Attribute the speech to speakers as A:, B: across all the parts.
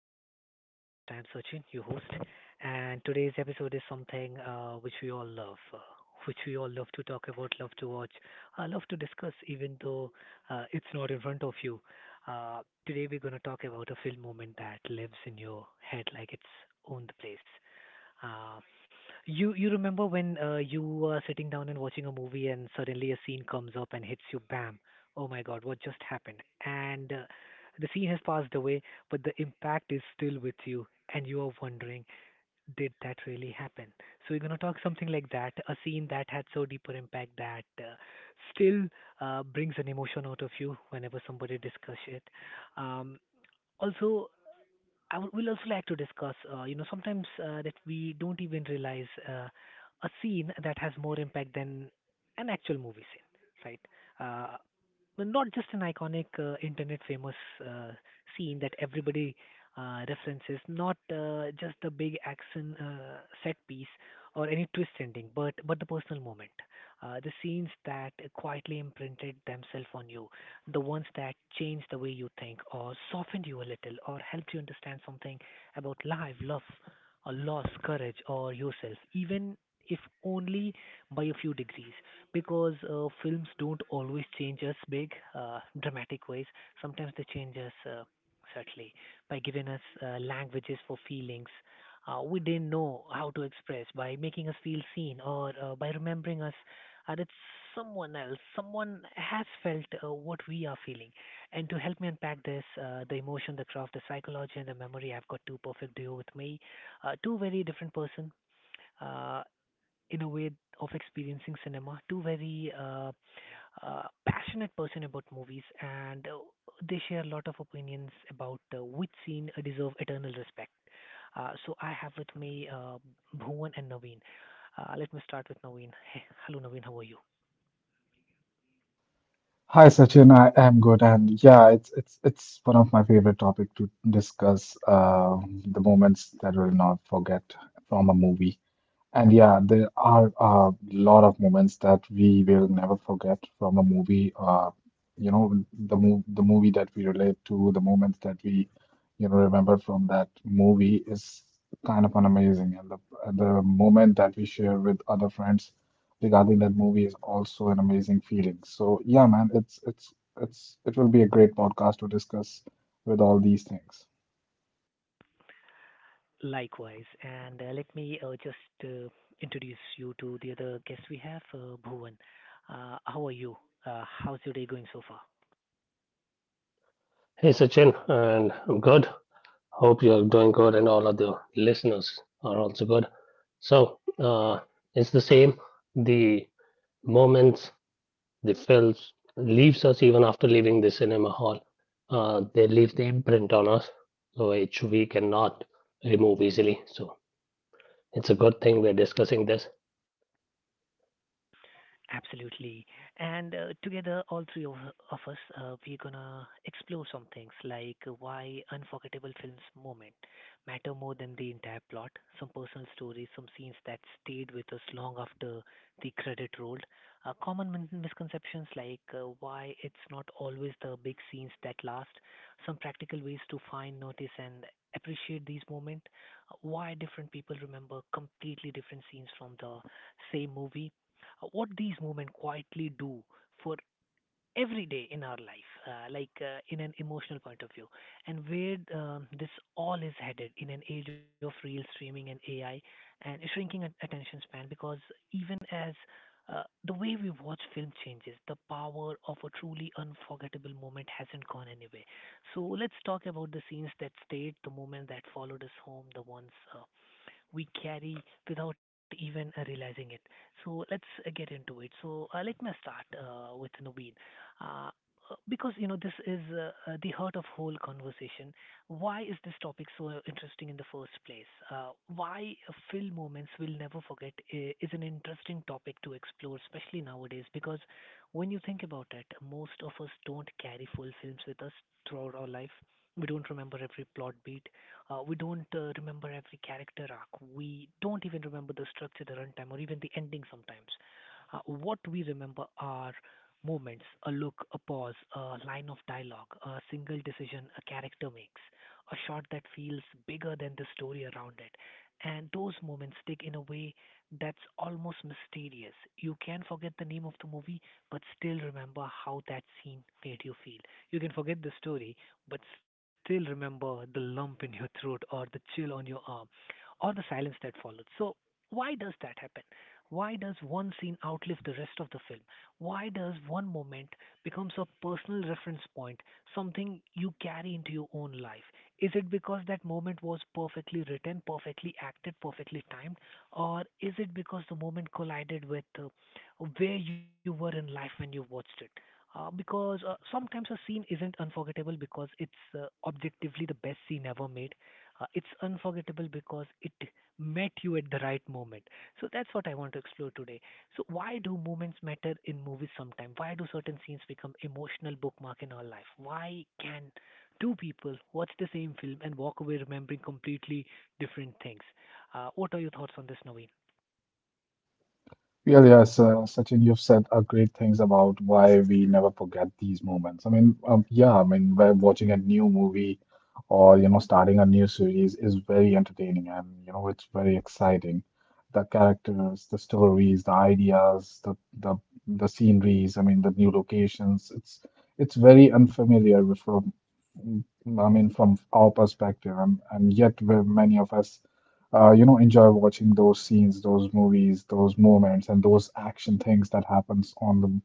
A: back to the podcast. I'm Sachin, your host, and today's episode is something which we all love, which we all love to talk about, love to watch, love to discuss, even though it's not in front of you. Uh, Today, we're going to talk about a film moment that lives in your head like it's owned the place. Uh, you remember when you are sitting down and watching a movie and suddenly a scene comes up and hits you, bam! Oh my God, what just happened? And The scene has passed away, but the impact is still with you, and you are wondering, did that really happen? So we're gonna talk something like that, a scene that had so deeper impact that still brings an emotion out of you whenever somebody discuss it. Um, Also, I would will also like to discuss, sometimes that we don't even realize a scene that has more impact than an actual movie scene, right? Uh, Not just an iconic internet famous uh, scene that everybody references, not just the big action set piece or any twist ending, but the personal moment, the scenes that quietly imprinted themselves on you, the ones that changed the way you think or softened you a little or helped you understand something about life, love, or loss, courage, or yourself, even if only by a few degrees, because films don't always change us big, dramatic ways. Sometimes they change us subtly by giving us languages for feelings we didn't know how to express, by making us feel seen or by remembering us that someone else, someone has felt what we are feeling. And to help me unpack this, the emotion, the craft, the psychology, and the memory, I've got two perfect duo with me, two very different person. Uh, in a way of experiencing cinema. Two very uh, passionate person about movies, and they share a lot of opinions about which scene deserve eternal respect. So I have with me Bhuvan and Naveen. Let me start with Naveen. Hey, hello Naveen, how are you?
B: Hi Sachin, I am good, and yeah, it's one of my favorite topic to discuss. The moments that will not forget from a movie. And yeah, there are a lot of moments that we will never forget from a movie. You know, the movie that we relate to, the moments that we, you know, remember from that movie is kind of an amazing. And the moment that we share with other friends regarding that movie is also an amazing feeling. So yeah, man, it's it will be a great podcast to discuss with all these things.
A: Likewise, and let me just uh, introduce you to the other guest we have, Bhuvan. How are you? How's your day going so far?
C: Hey Sachin, and I'm good. Hope you're doing good, and all of the listeners are also good. So, uh, it's the same. The moments, the films leaves us even after leaving the cinema hall. They leave the imprint on us, so which we cannot remove easily. So, it's a good thing we're discussing this.
A: Absolutely. And together, all three of us, we're gonna explore some things like why unforgettable films moment matter more than the entire plot, some personal stories, some scenes that stayed with us long after the credit rolled, common misconceptions like why it's not always the big scenes that last, some practical ways to find, notice, and appreciate these moments. Why different people remember completely different scenes from the same movie, what these movements quietly do for every day in our life, in an emotional point of view, and where this all is headed in an age of real streaming and AI and shrinking attention span. Because even as uh, the way we watch film changes, the power of a truly unforgettable moment hasn't gone anywhere. So let's talk about the scenes that stayed, the moment that followed us home, the ones we carry without even realizing it. So let's get into it. So let me start with Nobeen. Uh, because you know this is the heart of whole conversation. Why is this topic so interesting in the first place? Why film moments we'll never forget is an interesting topic to explore, especially nowadays. Because when you think about it, most of us don't carry full films with us throughout our life. We don't remember every plot beat. We don't remember every character arc. We don't even remember the structure, the runtime, or even the ending sometimes. What we remember are moments, a look, a pause, a line of dialogue, a single decision a character makes, a shot that feels bigger than the story around it. And those moments stick in a way that's almost mysterious. You can forget the name of the movie, but still remember how that scene made you feel. You can forget the story, but still remember the lump in your throat or the chill on your arm or the silence that followed. So, why does that happen? Why does one scene outlive the rest of the film? Why does one moment becomes a personal reference point, something you carry into your own life? Is it because that moment was perfectly written, perfectly acted, perfectly timed, or is it because the moment collided with where you were in life when you watched it? Because sometimes a scene isn't unforgettable because it's objectively the best scene ever made. It's unforgettable because it met you at the right moment. So that's what I want to explore today. So why do moments matter in movies sometimes? Why do certain scenes become emotional bookmark in our life? Why can two people watch the same film and walk away remembering completely different things? What are your thoughts on this, Naveen?
B: Yeah, yes, Sachin, you've said great things about why we never forget these moments. I mean, yeah, I mean, by watching a new movie or, you know, starting a new series is very entertaining and, you know, it's very exciting. The characters, the stories, the ideas, the the sceneries, I mean, the new locations. It's very unfamiliar from, I mean, from our perspective, and yet we many of us you know, enjoy watching those scenes, those movies, those moments, and those action things that happens on the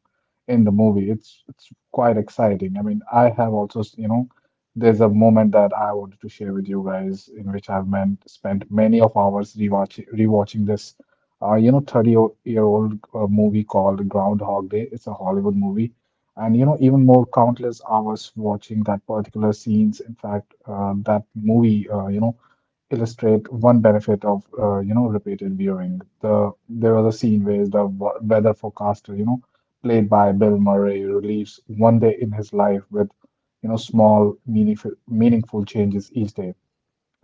B: in the movie. It's quite exciting. I mean, I have also, you know, there's a moment that I wanted to share with you guys in which I've meant spent many of hours rewatching this, you know, 30- year old movie called Groundhog Day. It's a Hollywood movie. And you know, even more countless hours watching that particular scenes. In fact, that movie, you know illustrate one benefit of you know repeated viewing. The there was a scene where the weather forecaster, you know, played by Bill Murray, relieves 1 day in his life with you know small meaningful changes each day.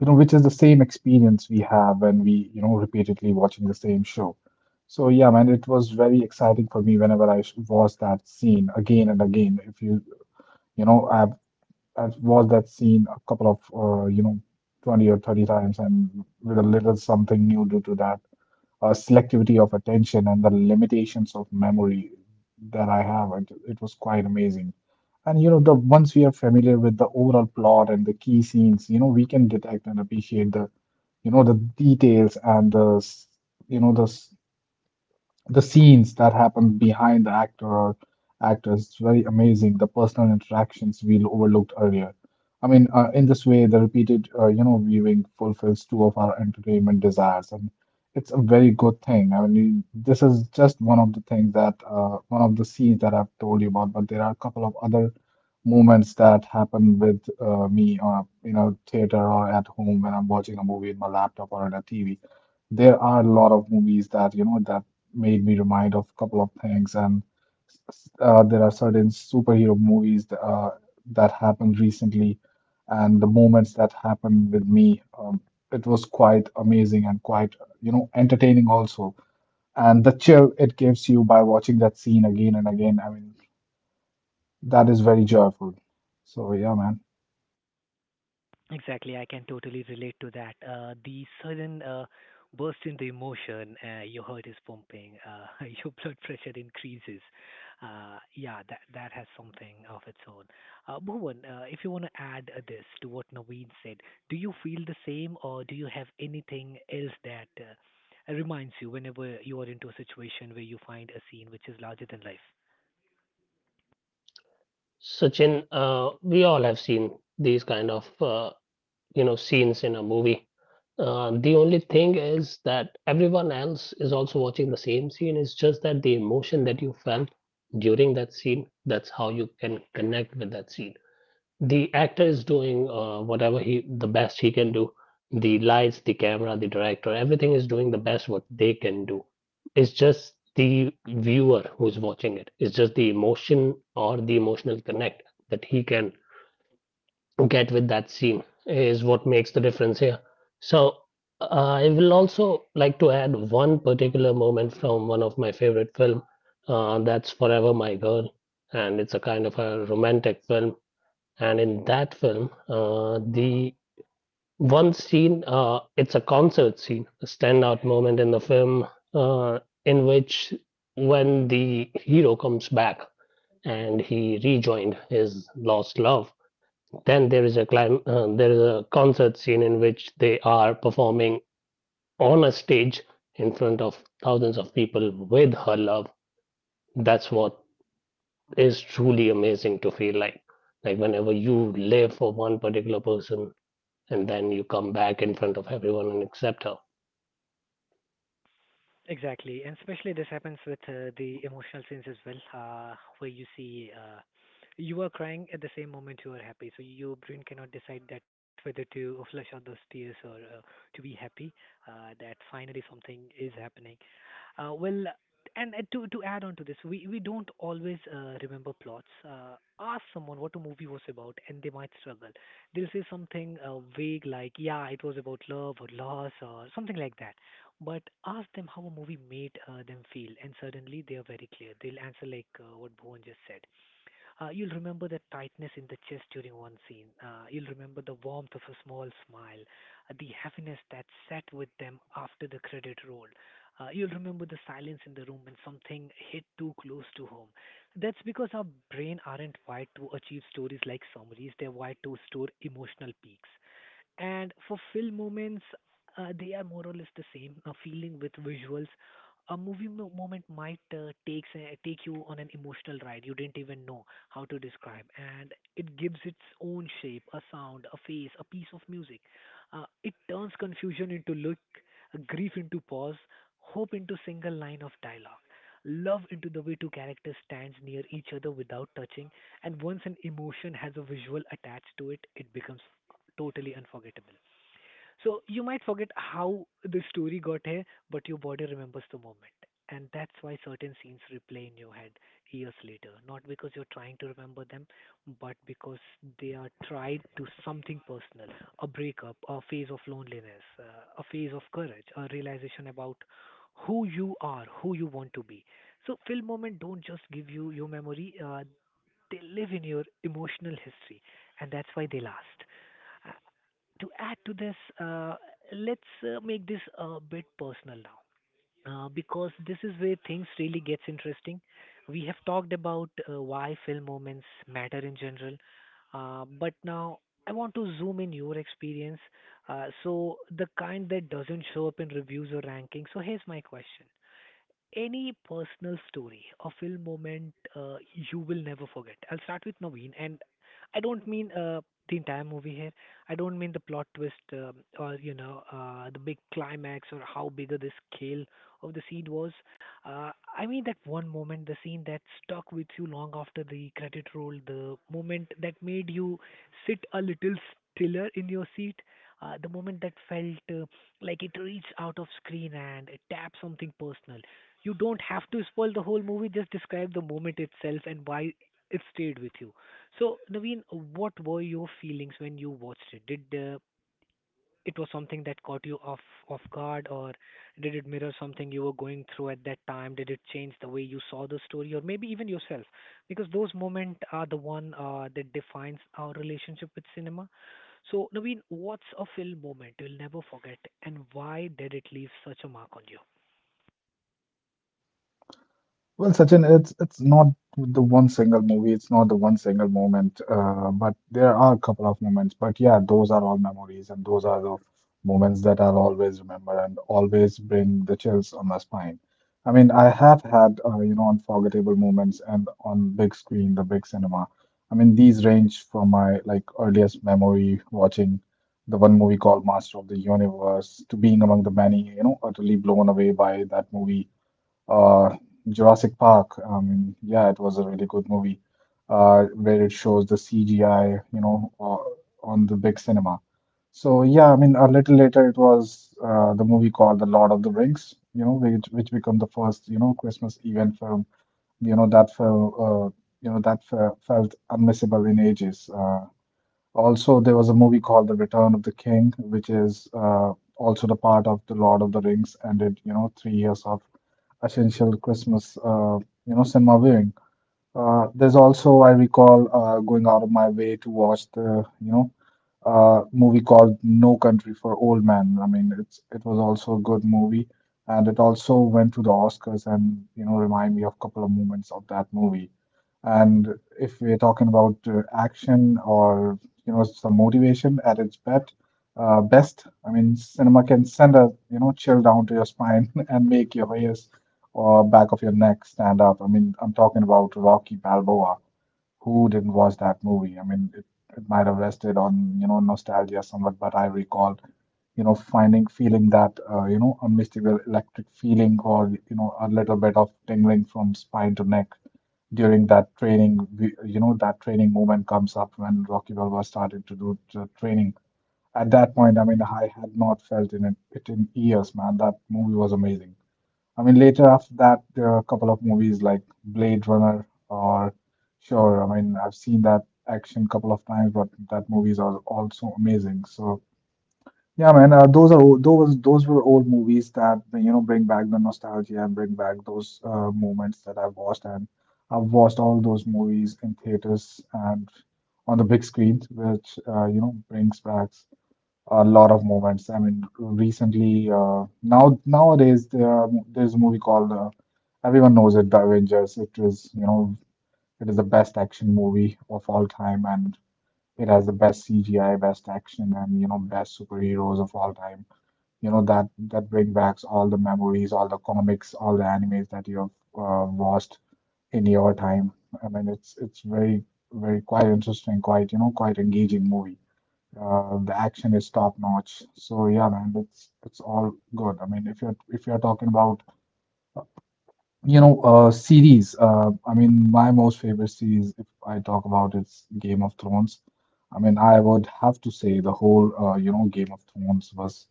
B: You know, which is the same experience we have when we you know repeatedly watching the same show. So yeah, man, it was very exciting for me whenever I watched that scene again and again. If you you know, I've watched that scene a couple of you know 20 or 30 times and with a little something new due to that selectivity of attention and the limitations of memory that I have it, it was quite amazing and you know the once we are familiar with the overall plot and the key scenes you know we can detect and appreciate the you know the details and the you know the the scenes that happen behind the actor or actress it's very amazing the personal interactions we overlooked earlier. I mean in this way the repeated you know viewing fulfills two of our entertainment desires and it's a very good thing. I mean this is just one of the things that one of the scenes that I've told you about, but there are a couple of other moments that happen with me you know theater or at home when I'm watching a movie in my laptop or on a TV. There are a lot of movies that you know that made me remind of a couple of things. And there are certain superhero movies that, that happened recently, and the moments that happened with me, it was quite amazing and quite, you know, entertaining also. And the chill it gives you by watching that scene again and again, I mean, that is very joyful. So yeah, man.
A: Exactly, I can totally relate to that. The sudden burst in the emotion, your heart is pumping, your blood pressure increases. Yeah, that has something of its own. Bhuvan, if you want to add this to what Naveen said, do you feel the same, or do you have anything else that reminds you whenever you are into a situation where you find a scene which is larger than life?
C: Sachin, we all have seen these kind of you know scenes in a movie. The only thing is that everyone else is also watching the same scene. It's just that the emotion that you felt during that scene, that's how you can connect with that scene. The actor is doing whatever he the best he can do. The lights, the camera, the director, everything is doing the best what they can do. It's just the viewer who's watching it. It's just the emotion or the emotional connect that he can get with that scene is what makes the difference here. So uh, I will also like to add one particular moment from one of my favorite film. That's Forever My Girl, and it's a kind of a romantic film. And in that film, the one scene, it's a concert scene, a standout moment in the film, in which when the hero comes back and he rejoined his lost love, then there is a there is a concert scene in which they are performing on a stage in front of thousands of people with her love. That's what is truly amazing to feel like. Like whenever you live for one particular person and then you come back in front of everyone and accept her.
A: Exactly, and especially this happens with the emotional scenes as well, where you see you are crying at the same moment you are happy. So your brain cannot decide that whether to flush out those tears or to be happy that finally something is happening. Well, and to add on to this, we don't always remember plots. Ask someone what a movie was about, and they might struggle. They'll say something vague like, "Yeah, it was about love or loss or something like that." But ask them how a movie made them feel, and suddenly they are very clear. They'll answer like what Bhuvan just said. You'll remember the tightness in the chest during one scene. You'll remember the warmth of a small smile, the happiness that sat with them after the credit roll. You'll remember the silence in the room when something hit too close to home. That's because our brain aren't wired to achieve stories like summaries. They're wired to store emotional peaks. And for film moments, they are more or less the same. A feeling with visuals. A movie moment might take you on an emotional ride you didn't even know how to describe, and it gives its own shape, a sound, a face, a piece of music. It turns confusion into look, grief into pause, hope into single line of dialogue, love into the way two characters stands near each other without touching, and once an emotion has a visual attached to it, it becomes totally unforgettable. So you might forget how the story got here, but your body remembers the moment. And that's why certain scenes replay in your head years later. Not because you're trying to remember them, but because they are tied to something personal, a breakup, a phase of loneliness, a phase of courage, a realization about who you are, who you want to be. So, film moment don't just give you your memory, they live in your emotional history, and that's why they last. To add to this, let's make this a bit personal now, because this is where things really gets interesting. We have talked about why film moments matter in general, but now I want to zoom in your experience, so the kind that doesn't show up in reviews or rankings. So here's my question: any personal story or film moment you will never forget? I'll start with Naveen, and I don't mean the entire movie here. I don't mean the plot twist or you know the big climax or how bigger the scale of the scene was. Uh, I mean that one moment, the scene that stuck with you long after the credit roll, the moment that made you sit a little stiller in your seat, the moment that felt like it reached out of screen and it tapped something personal. You don't have to spoil the whole movie, just describe the moment itself and why it stayed with you. So, Naveen, what were your feelings when you watched it? Did It was something that caught you off guard, or did it mirror something you were going through at that time? Did it change the way you saw the story, or maybe even yourself? Because those moments are the one that defines our relationship with cinema. So, Naveen, what's a film moment you'll never forget, and why did it leave such a mark on you?
B: Well, Sachin, it's not the one single movie, it's not the one single moment, but there are a couple of moments. But yeah, those are all memories, and those are the moments that I'll always remember and always bring the chills on my spine. I mean, I have had you know unforgettable moments, and on big screen, the big cinema. I mean, these range from my like earliest memory watching the one movie called Master of the Universe to being among the many, you know, utterly blown away by that movie uh, Jurassic Park. I mean, yeah, it was a really good movie, where it shows the CGI, you know, on the big cinema. So yeah, I mean, a little later it was the movie called The Lord of the Rings, you know, which became the first, you know, Christmas event film, you know, that felt, you know, that fe felt unmissable in ages. Also, there was a movie called The Return of the King, which is also the part of The Lord of the Rings, and it, you know, 3 years of essential Christmas, you know, cinema viewing. There's also, I recall, going out of my way to watch the, you know, movie called No Country for Old Men. I mean, it was also a good movie, and it also went to the Oscars and you know remind me of a couple of moments of that movie. And if we're talking about action or you know some motivation at its best, I mean, cinema can send a you know chill down to your spine and make your hair or back of your neck stand up. I mean, I'm talking about Rocky Balboa. Who didn't watch that movie? I mean, it might have rested on, you know, nostalgia somewhat, but I recall, you know, feeling that, you know, unmistakable electric feeling or, you know, a little bit of tingling from spine to neck during that training. You know, that training moment comes up when Rocky Balboa started to do the training. At that point, I mean, I had not felt in it in years, man. That movie was amazing. I mean, later after that, there are a couple of movies like Blade Runner or sure. I mean, I've seen that action couple of times, but that movies are also amazing. So yeah, man, those are those those were old movies that you know bring back the nostalgia and bring back those moments that I've watched, and I've watched all those movies in theaters and on the big screen, which you know brings back a lot of moments. I mean, recently, now nowadays there's a movie called everyone knows it, The Avengers. It is, you know, it is the best action movie of all time, and it has the best CGI, best action, and you know, best superheroes of all time. You know that bring back all the memories, all the comics, all the animes that you have watched in your time. I mean, it's very quite interesting, quite you know, quite engaging movie. The action is top notch. So yeah, man, it's all good. I mean, if you're talking about you know series, I mean, my most favorite series, if I talk about it's Game of Thrones. I mean, I would have to say the whole you know Game of Thrones was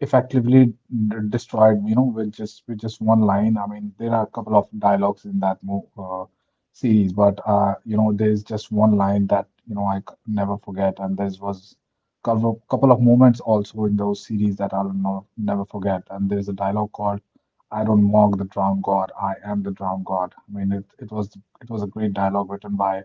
B: effectively destroyed, you know, with just one line. I mean, there are a couple of dialogues in that mo series, but you know, there's just one line that you know never forget, and there was couple of moments also in those series that I'll no, never forget. And there's a dialogue called "I don't mock the drowned god, I am the drowned god." I mean, it was it was a great dialogue written by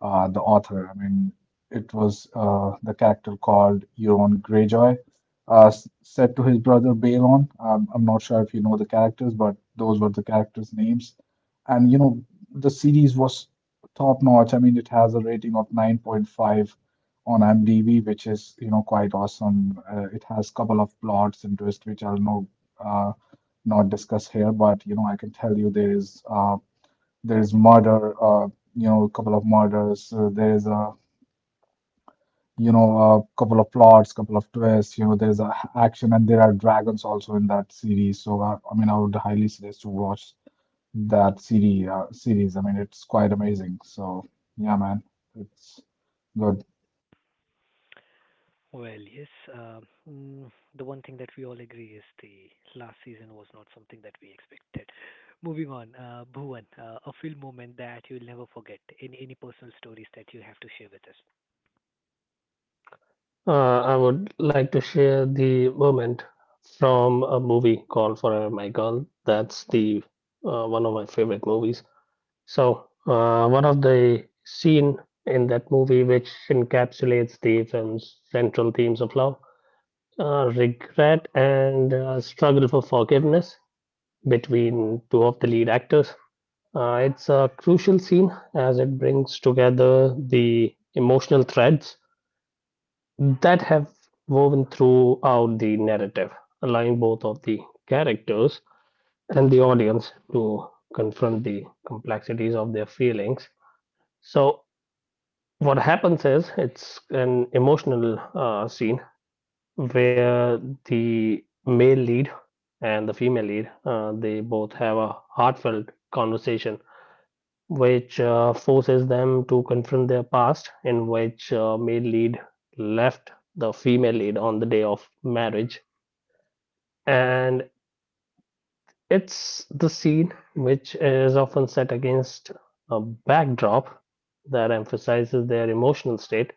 B: the author. I mean, it was the character called Euron Greyjoy, said to his brother Balon. I'm not sure if you know the characters, but those were the characters' names. And you know, the series was top notch. I mean, it has a rating of 9.5 on IMDb, which is you know quite awesome. It has couple of plots and twists, which I'll no uh, not discuss here, but you know, I can tell you there is. There is murder, you know, a couple of murders. There is a, you know, a couple of plots, couple of twists. You know, there is a action, and there are dragons also in that series. So, I mean, I would highly suggest to watch that series. I mean, it's quite amazing. So, yeah, man, it's good.
A: Well, yes. Uh, the one thing that we all agree is the last season was not something that we expected. Moving on, Bhuvan, a film moment that you'll never forget. Any personal stories that you have to share with us?
C: I would like to share the moment from a movie called Forever My Girl. That's the one of my favorite movies. So, one of the scene in that movie which encapsulates the film's central themes of love, regret, and struggle for forgiveness between two of the lead actors. It's a crucial scene as it brings together the emotional threads that have woven throughout the narrative, allowing both of the characters and the audience to confront the complexities of their feelings. So, what happens is it's an emotional scene where the male lead and the female lead, they both have a heartfelt conversation which forces them to confront their past, and which male lead left the female lead on the day of marriage. And it's the scene which is often set against a backdrop that emphasizes their emotional state.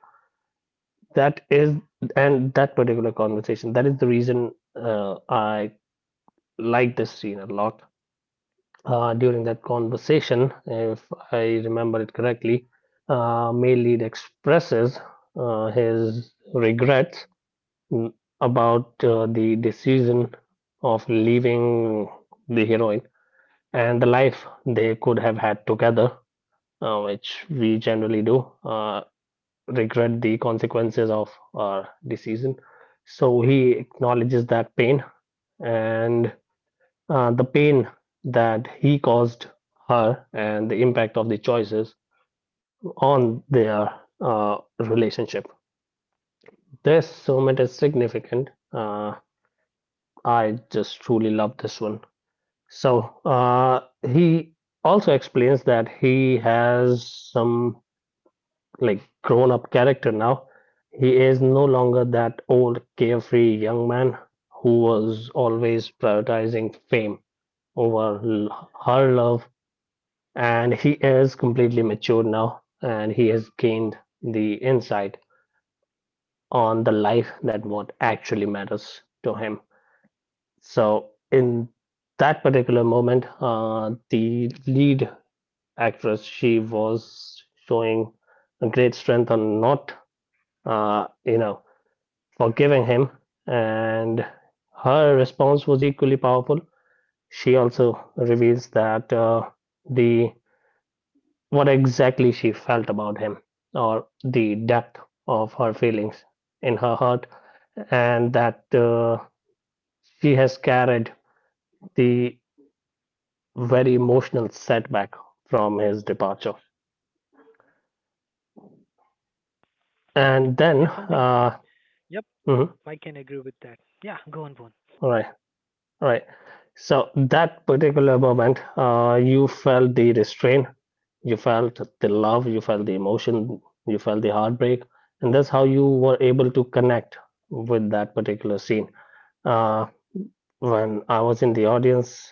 C: That is, and that particular conversation, that is the reason I like this scene a lot. During that conversation, if I remember it correctly, male lead expresses his regrets mm, about the decision of leaving the heroine and the life they could have had together, which we generally do regret the consequences of our decision. So he acknowledges that pain and the pain that he caused her and the impact of the choices on their relationship. This summit is significant. I just truly love this one. So he also explains that he has some like grown up character now. He is no longer that old carefree young man who was always prioritizing fame over her love, and he is completely mature now and he has gained the insight on the life that what actually matters to him. So in that particular moment, the lead actress, she was showing a great strength on not, you know, forgiving him, and her response was equally powerful. She also reveals that the what exactly she felt about him, or the depth of her feelings in her heart, and that she has carried the very emotional setback from his departure. And
A: There's
C: then,
A: something. Yep, I
C: mhm,
A: can agree with that. Yeah, go on, Bhuvan.
C: right, right. So that particular moment, you felt the restraint, you felt the love, you felt the emotion, you felt the heartbreak, and that's how you were able to connect with that particular scene. Uh, when I was in the audience,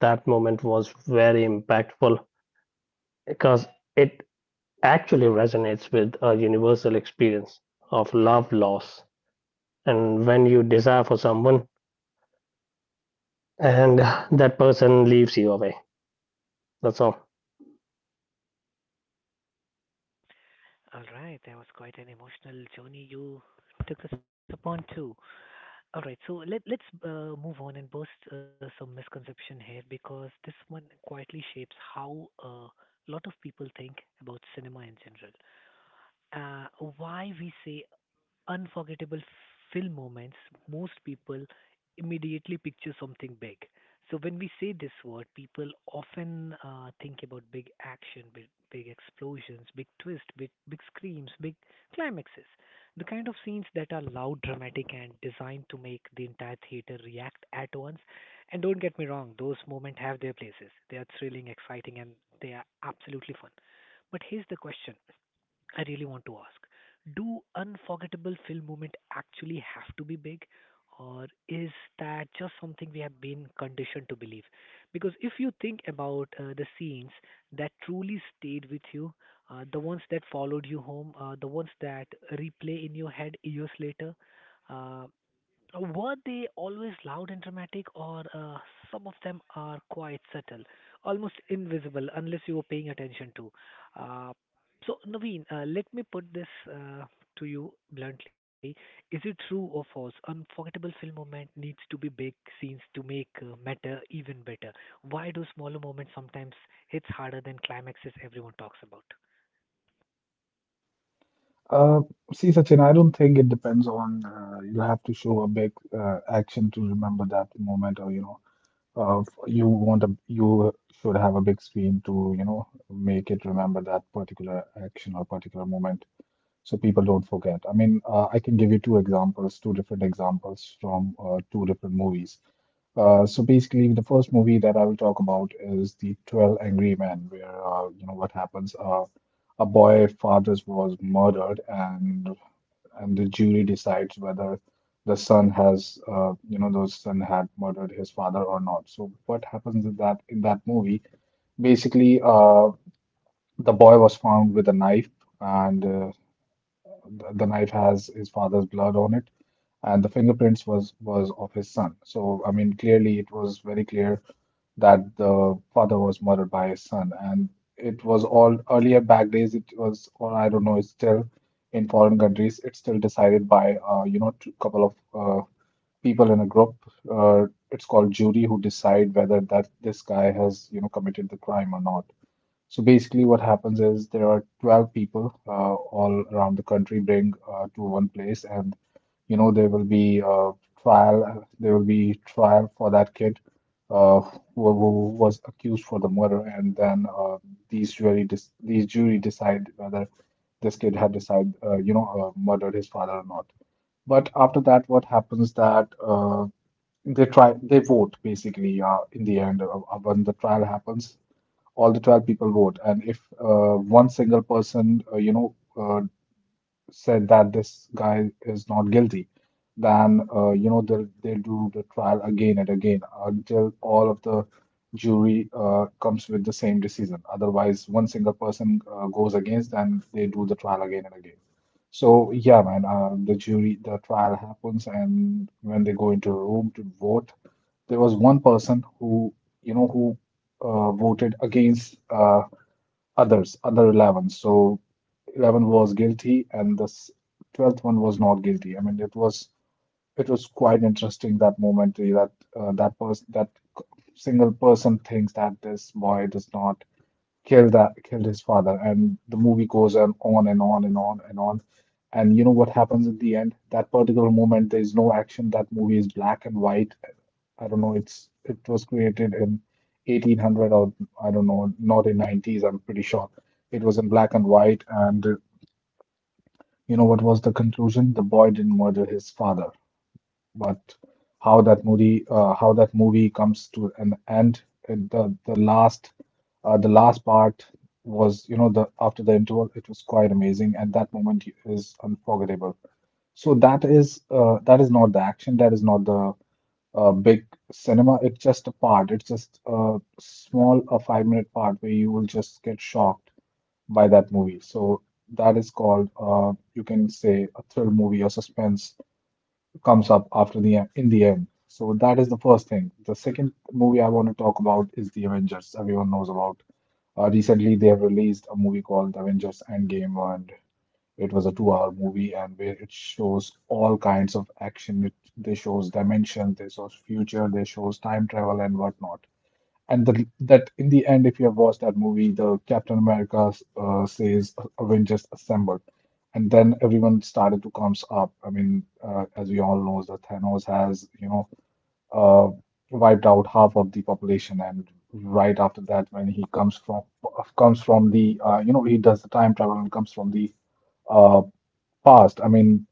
C: that moment was very impactful because it actually resonates with a universal experience of love loss. And when you desire for someone and that person leaves you away, that's all.
A: All right, that was quite an emotional journey you took us upon too. All right, so let's move on and burst some misconception here because this one quietly shapes how a lot of people think about cinema in general. Uh, why we say unforgettable film moments, most people immediately picture something big. So when we say this word, people often think about big action, big explosions, big twist, big screams, big climaxes, the kind of scenes that are loud, dramatic, and designed to make the entire theater react at once. And don't get me wrong, those moments have their places. They are thrilling, exciting, and they are absolutely fun. But here's the question: I really want to ask, do unforgettable film moment actually have to be big, or is that just something we have been conditioned to believe? Because if you think about the scenes that truly stayed with you, the ones that followed you home, the ones that replay in your head years later uh, were they always loud and dramatic, or some of them are quite subtle, almost invisible unless you were paying attention to? Uh, so, Naveen, let me put this uh, to you bluntly. Is it true or false? Unforgettable film moment needs to be big scenes to make matter even better. Why do smaller moments sometimes hits harder than climaxes everyone talks about?
B: Uh, See, Sachin, I don't think it depends on. You'll have to show a big action to remember that moment, or you know you want a you should have a big screen to you know make it remember that particular action or particular moment so people don't forget. I mean, I can give you two examples, two different examples from two different movies. So basically, the first movie that I will talk about is the 12 Angry Men, where you know what happens. A boy father's was murdered, and the jury decides whether the son has you know the son had murdered his father or not. So what happens in that movie? Basically, the boy was found with a knife, and the knife has his father's blood on it, and the fingerprints was of his son. So I mean, clearly it was very clear that the father was murdered by his son, and it was all earlier back days. It was, or I don't know, it's still in foreign countries. It's still decided by you know couple of people in a group. Uh, it's called jury who decide whether that this guy has you know committed the crime or not. So basically, what happens is there are 12 people all around the country bring to one place, and you know there will be a trial. There will be trial for that kid uh, who was accused for the murder, and then these jury decide whether this kid had decided you know murdered his father or not. But after that, what happens that they vote basically in the end when the trial happens all the 12 people vote, and if one single person said that this guy is not guilty, then you know they'll do the trial again and again until all of the jury comes with the same decision. Otherwise one single person goes against and they do the trial again and again. So yeah, man, the jury, the trial happens, and when they go into a room to vote, there was one person who, you know, who voted against other 11. So 11 was guilty, and the 12th one was not guilty. I mean, it was quite interesting that moment, eh, that that person, that c- single person thinks that this boy does not killed his father, and the movie goes on and on and on and on. And you know what happens at the end, that particular moment there's no action. That movie is black and white. I don't know, it's it was created in 1800, or I don't know, not in 90s. I'm pretty sure it was in black and white. And you know what was the conclusion? The boy didn't murder his father. But how that movie comes to an end, and the the last part was, you know, the after the interval, it was quite amazing, and that moment is unforgettable. So that is not the action, that is not the a big cinema. It's just a part. It's just a small, a 5 minute part where you will just get shocked by that movie. So that is called, you can say, a thrill movie or suspense comes up after the in the end. So that is the first thing. The second movie I want to talk about is the Avengers. Everyone knows about. Recently, they have released a movie called The Avengers Endgame, and it was a two-hour movie, and where it shows all kinds of action. It they shows dimensions, they shows future, they shows time travel and whatnot. And the, that in the end, if you have watched that movie, the Captain America says Avengers assemble, and then everyone started to comes up. I mean, as we all know, that Thanos has you know uh, wiped out half of the population, and right after that, when he comes from the you know he does the time travel and comes from the uh, past. I mean,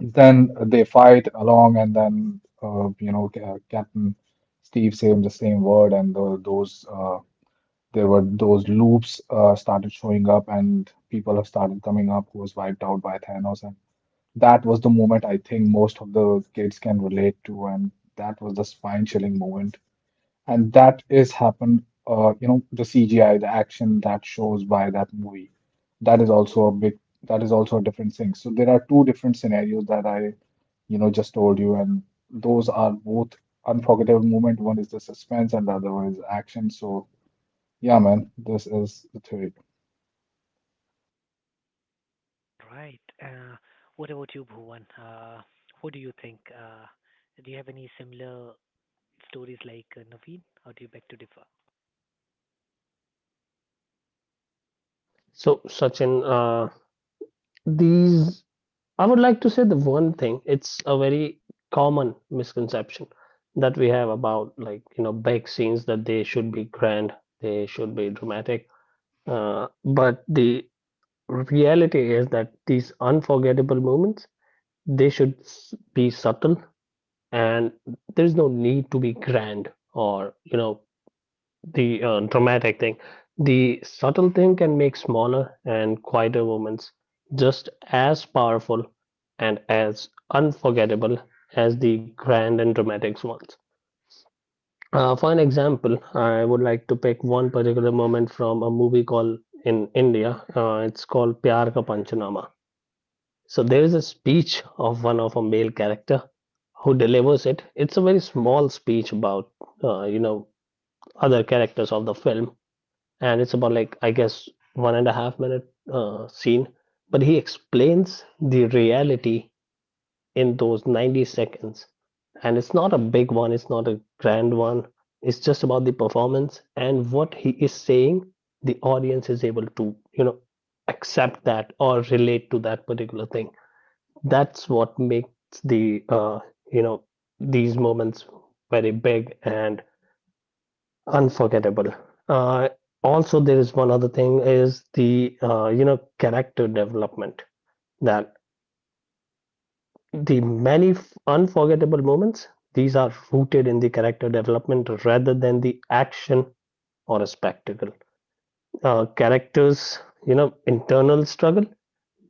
B: then they fight along, and then you know Captain Steve said the same word, and the, those there were those loops started showing up, and people have started coming up who was wiped out by Thanos, and that was the moment I think most of the kids can relate to, and that was the spine-chilling moment, and that is happened, you know, the CGI, the action that shows by that movie. That is also a big, that is also a different thing. So there are two different scenarios that I, you know, just told you, and those are both unforgettable moment. One is the suspense, and the other one is action. So yeah, man, this is the theory.
A: Right. What about you, Bhuvan? What do you think? Do you have any similar stories like Naveen, or do you beg to differ?
C: So, Sachin, these I would like to say the one thing, it's a very common misconception that we have about, like, you know, big scenes that they should be grand, they should be dramatic. But the reality is that these unforgettable moments, they should be subtle, and there's no need to be grand or, you know, the dramatic thing. The subtle thing can make smaller and quieter moments just as powerful and as unforgettable as the grand and dramatic ones. For an example, I would like to pick one particular moment from a movie called in India. It's called Pyar Ka Panchanama. So there is a speech of one of a male character who delivers it. It's a very small speech about, you know, other characters of the film, and it's about, like, I guess 1.5-minute scene, but he explains the reality in those 90 seconds. And it's not a big one, it's not a grand one. It's just about the performance and what he is saying. The audience is able to, you know, accept that or relate to that particular thing. That's what makes the, uh, you know, these moments very big and unforgettable. Uh, also, there is one other thing is the, you know, character development that the many unforgettable moments, these are rooted in the character development rather than the action or a spectacle. Characters, you know, internal struggle.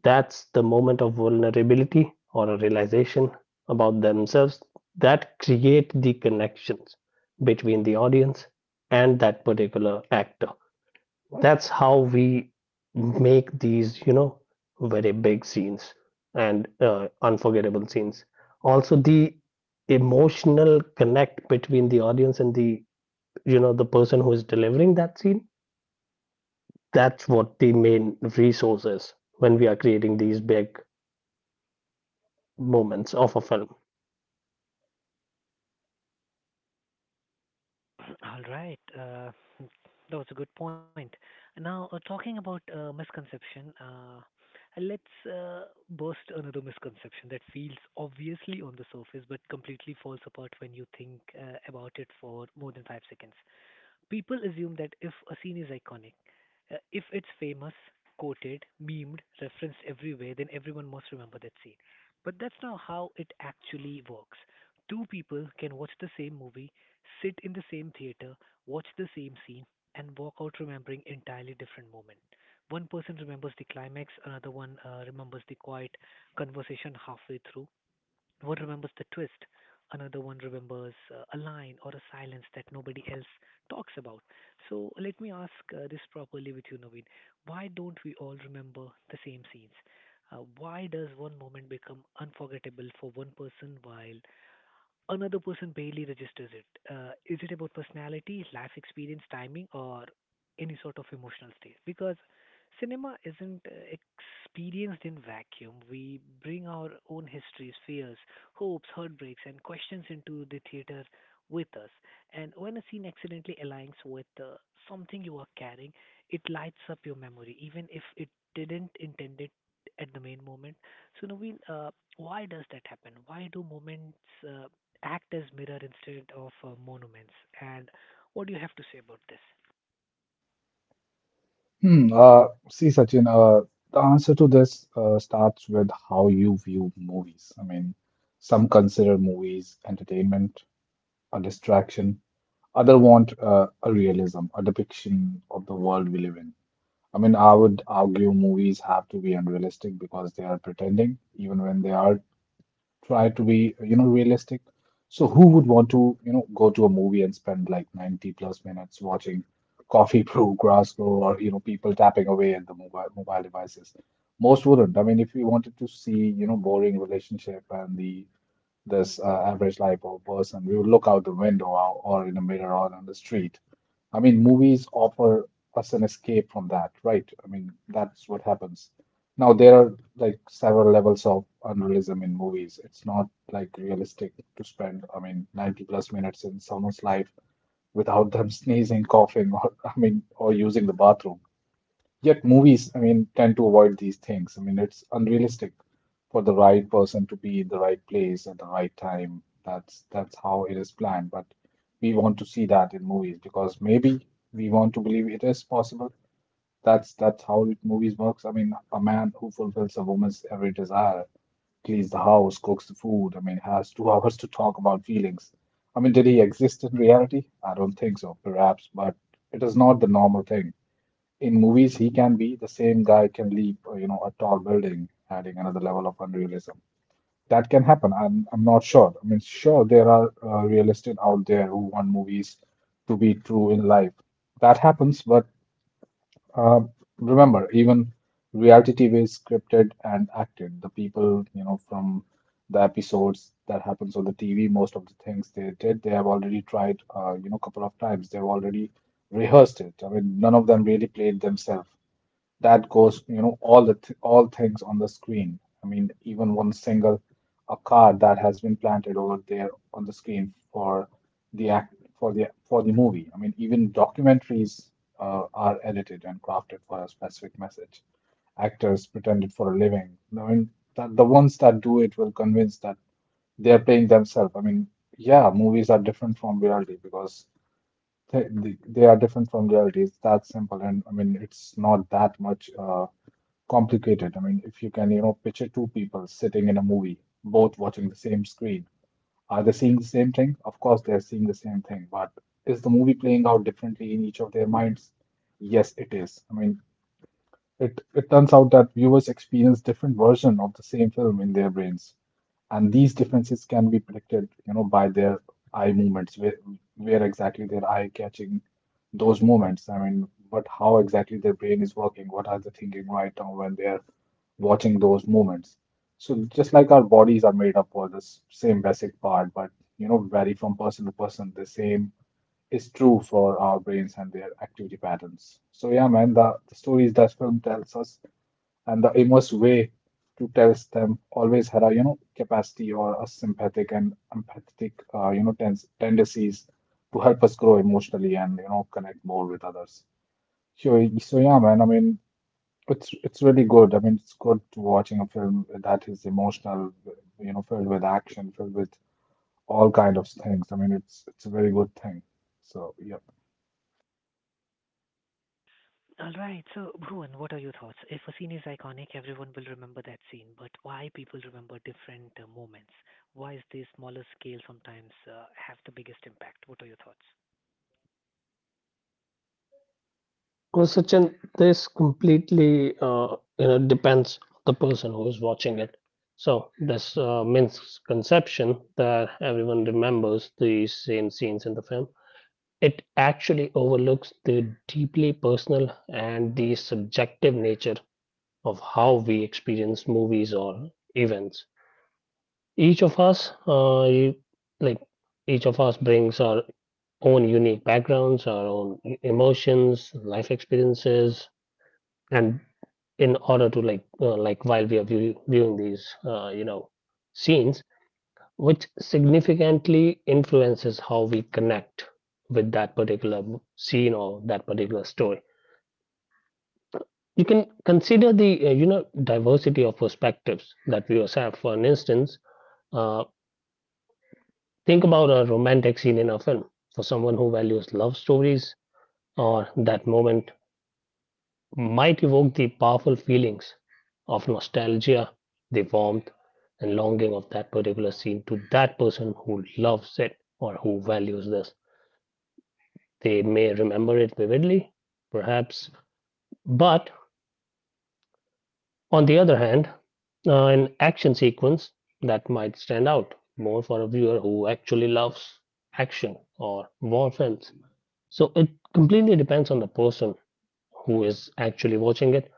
C: That's the moment of vulnerability or a realization about themselves that create the connections between the audience and that particular actor. That's how we make these, you know, very big scenes and unforgettable scenes. Also, the emotional connect between the audience and the, you know, the person who is delivering that scene, that's what the main resource is when we are creating these big moments of a film.
A: All right, that was a good point. Now, talking about misconception, let's burst another misconception that feels obviously on the surface but completely falls apart when you think about it for more than five seconds. People assume that if a scene is iconic, if it's famous, quoted, memed, referenced everywhere, then everyone must remember that scene. But that's not how it actually works. Two people can watch the same movie, sit in the same theater, watch the same scene, and walk out remembering entirely different moments. One person remembers the climax, another one remembers the quiet conversation halfway through, one remembers the twist, another one remembers a line or a silence that nobody else talks about. So let me ask this properly with you, Naveen. Why don't we all remember the same scenes? Why does one moment become unforgettable for one person while another person barely registers it? Is it about personality, life experience, timing, or any sort of emotional state? Because cinema isn't experienced in vacuum. We bring our own histories, fears, hopes, heartbreaks, and questions into the theater with us. And when a scene accidentally aligns with something you are carrying, it lights up your memory, even if it didn't intend it at the main moment. So, Naveen, why does that happen? Why do moments uh, act as mirror instead of monuments. And what do you have to say about this?
B: Hmm. See, Sachin, the answer to this starts with how you view movies. I mean, some consider movies entertainment, a distraction. Other want a realism, a depiction of the world we live in. I mean, I would argue movies have to be unrealistic because they are pretending, even when they are try to be, you know, realistic. So who would want to, you know, go to a movie and spend like 90 plus minutes watching coffee brew, grass grow, or, you know, people tapping away at the mobile devices? Most wouldn't. I mean, if we wanted to see, you know, boring relationship and the this average lipo person. We would look out the window or, in a mirror or on the street. I mean, movies offer us an escape from that, right? I mean, that's what happens. Now, there are like several levels of unrealism in movies. It's not like realistic to spend, I mean, 90 plus minutes in someone's life without them sneezing, coughing, or I mean, or using the bathroom. Yet movies, I mean, tend to avoid these things. I mean, it's unrealistic for the right person to be in the right place at the right time. That's how it is planned. But we want to see that in movies because maybe we want to believe it is possible. That's how movies works. I mean, a man who fulfills a woman's every desire, cleans the house, cooks the food. I mean, has two hours to talk about feelings. I mean, did he exist in reality? I don't think so, perhaps, but it is not the normal thing. In movies he can be the same guy can leap you know a tall building, adding another level of unrealism that can happen. I'm not sure. I mean, sure there are realists out there who want movies to be true in life. That happens. But uh, remember, even reality TV is scripted and acted. The people you know from the episodes that happens on the TV, most of the things they did they have already tried you know couple of times. They've already rehearsed it. I mean, none of them really played themselves. That goes, you know, all things on the screen. I mean, even one single a card that has been planted over there on the screen for the act for the movie. I mean, even documentaries are edited and crafted for a specific message. Actors pretend it for a living. I mean, that the ones that do it will convince that they are playing themselves. I mean, yeah, movies are different from reality because they are different from reality. It's that simple, and I mean, it's not that much. Complicated. I mean, if you can, you know, picture two people sitting in a movie, both watching the same screen. Are they seeing the same thing? Of course, they're seeing the same thing, but is the movie playing out differently in each of their minds? Yes, it is. I mean, it turns out that viewers experience different versions of the same film in their brains, and these differences can be predicted, you know, by their eye movements, where exactly their eye catching those moments. I mean, but how exactly their brain is working, what are they thinking right now when they are watching those moments. So just like our bodies are made up for this same basic part, but you know, vary from person to person, the same is true for our brains and their activity patterns. So yeah, man, the stories that film tells us and the immersive way to tell them always had a you know capacity or a sympathetic and empathetic you know tens tendencies to help us grow emotionally and you know connect more with others. So yeah, man, I mean it's really good. I mean it's good to watching a film that is emotional, you know, filled with action, filled with all kind of things. I mean it's a very good thing. So yeah.
A: All right, so Bhuvan, what are your thoughts? If a scene is iconic, everyone will remember that scene, but why people remember different moments? Why is the smaller scale sometimes have the biggest impact? What are your thoughts?
C: Well, Sachin, this completely you know depends on the person who is watching it. So this misconception that everyone remembers the same scenes in the film, it actually overlooks the deeply personal and the subjective nature of how we experience movies or events. Each of us, you, like each of us, brings our own unique backgrounds, our own emotions, life experiences, and in order to, while we are viewing these, you know, scenes, which significantly influences how we connect with that particular scene or that particular story. You can consider the you know diversity of perspectives that viewers have. For an instance, uh, think about a romantic scene in a film. For someone who values love stories, or that moment might evoke the powerful feelings of nostalgia, the warmth and longing of that particular scene to that person who loves it or who values this. They may remember it vividly, perhaps, but on the other hand, an action sequence that might stand out more for a viewer who actually loves action or war films. So it completely depends on the person who is actually watching it.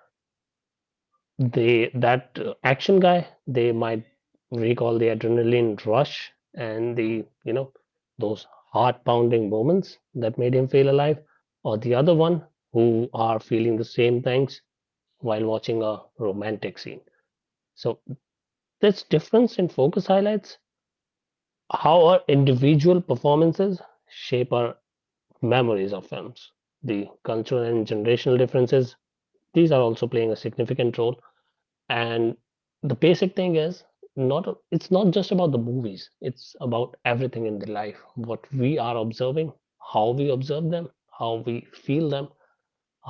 C: They, that action guy, they might recall the adrenaline rush and, the you know, those heart pounding moments that made him feel alive, or the other one who are feeling the same things while watching a romantic scene. So this difference in focus highlights how our individual performances shape our memories of films. The cultural and generational differences, these are also playing a significant role. And the basic thing is not it's not just about the movies, it's about everything in the life what we are observing, how we observe them, how we feel them,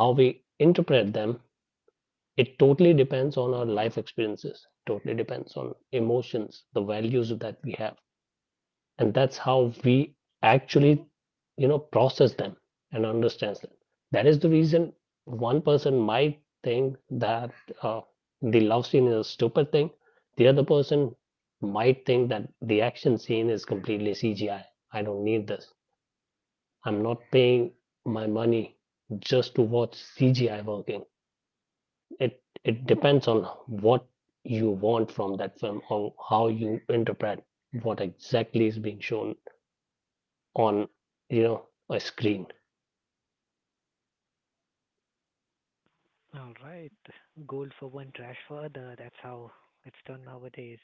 C: how we interpret them. It totally depends on our life experiences, totally depends on emotions, the values that we have, and that's how we actually, you know, process them and understands them. That is the reason one person might think that uh, the love scene is a stupid thing, the other person might think that the action scene is completely CGI. I don't need this. I'm not paying my money just to watch CGI working. it it depends on what you want from that film, or how you interpret what exactly is being shown on, you know, a screen.
A: All right. Goal for one, trash for other. That's how it's done nowadays.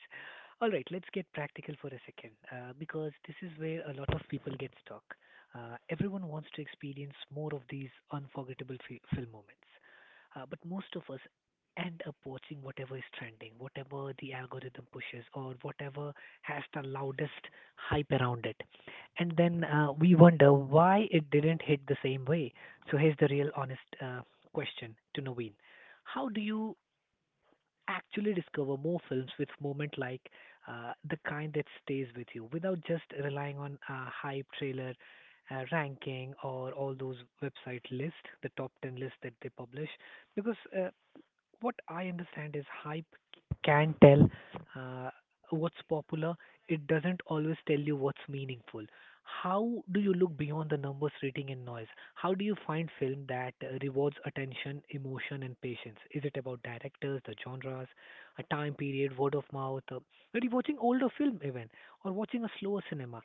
A: All right, let's get practical for a second because this is where a lot of people get stuck. Everyone wants to experience more of these unforgettable film moments, but most of us end up watching whatever is trending, whatever the algorithm pushes, or whatever has the loudest hype around it. And then we wonder why it didn't hit the same way. So here's the real honest question to Naveen. How do you actually discover more films with moment like the kind that stays with you without just relying on a hype trailer, ranking, or all those website lists, the top 10 list that they publish? Because what I understand is hype can tell uh, what's popular. It doesn't always tell you what's meaningful. How do you look beyond the numbers, rating, and noise? How do you find film that rewards attention, emotion, and patience? Is it about directors, the genres, a time period, word of mouth, maybe watching older film even, or watching a slower cinema?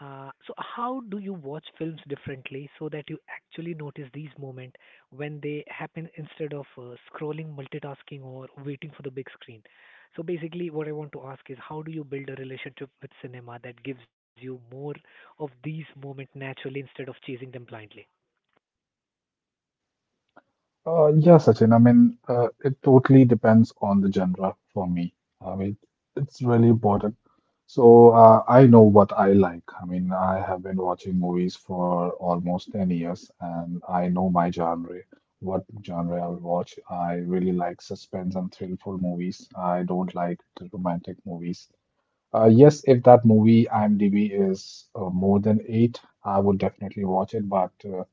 A: So how do you watch films differently so that you actually notice these moments when they happen instead of scrolling, multitasking, or waiting for the big screen. So basically, what I want to ask is, how do you build a relationship with cinema that gives you more of these moments naturally instead of chasing them blindly?
B: Yeah, Sachin. I mean, it totally depends on the genre for me. I mean, it's really important. So I know what I like. I mean, I have been watching movies for almost 10 years, and I know my genre, what genre I will watch. I really like suspense and thrillful movies. I don't like the romantic movies. Yes, if that movie IMDb is more than eight, I would definitely watch it, but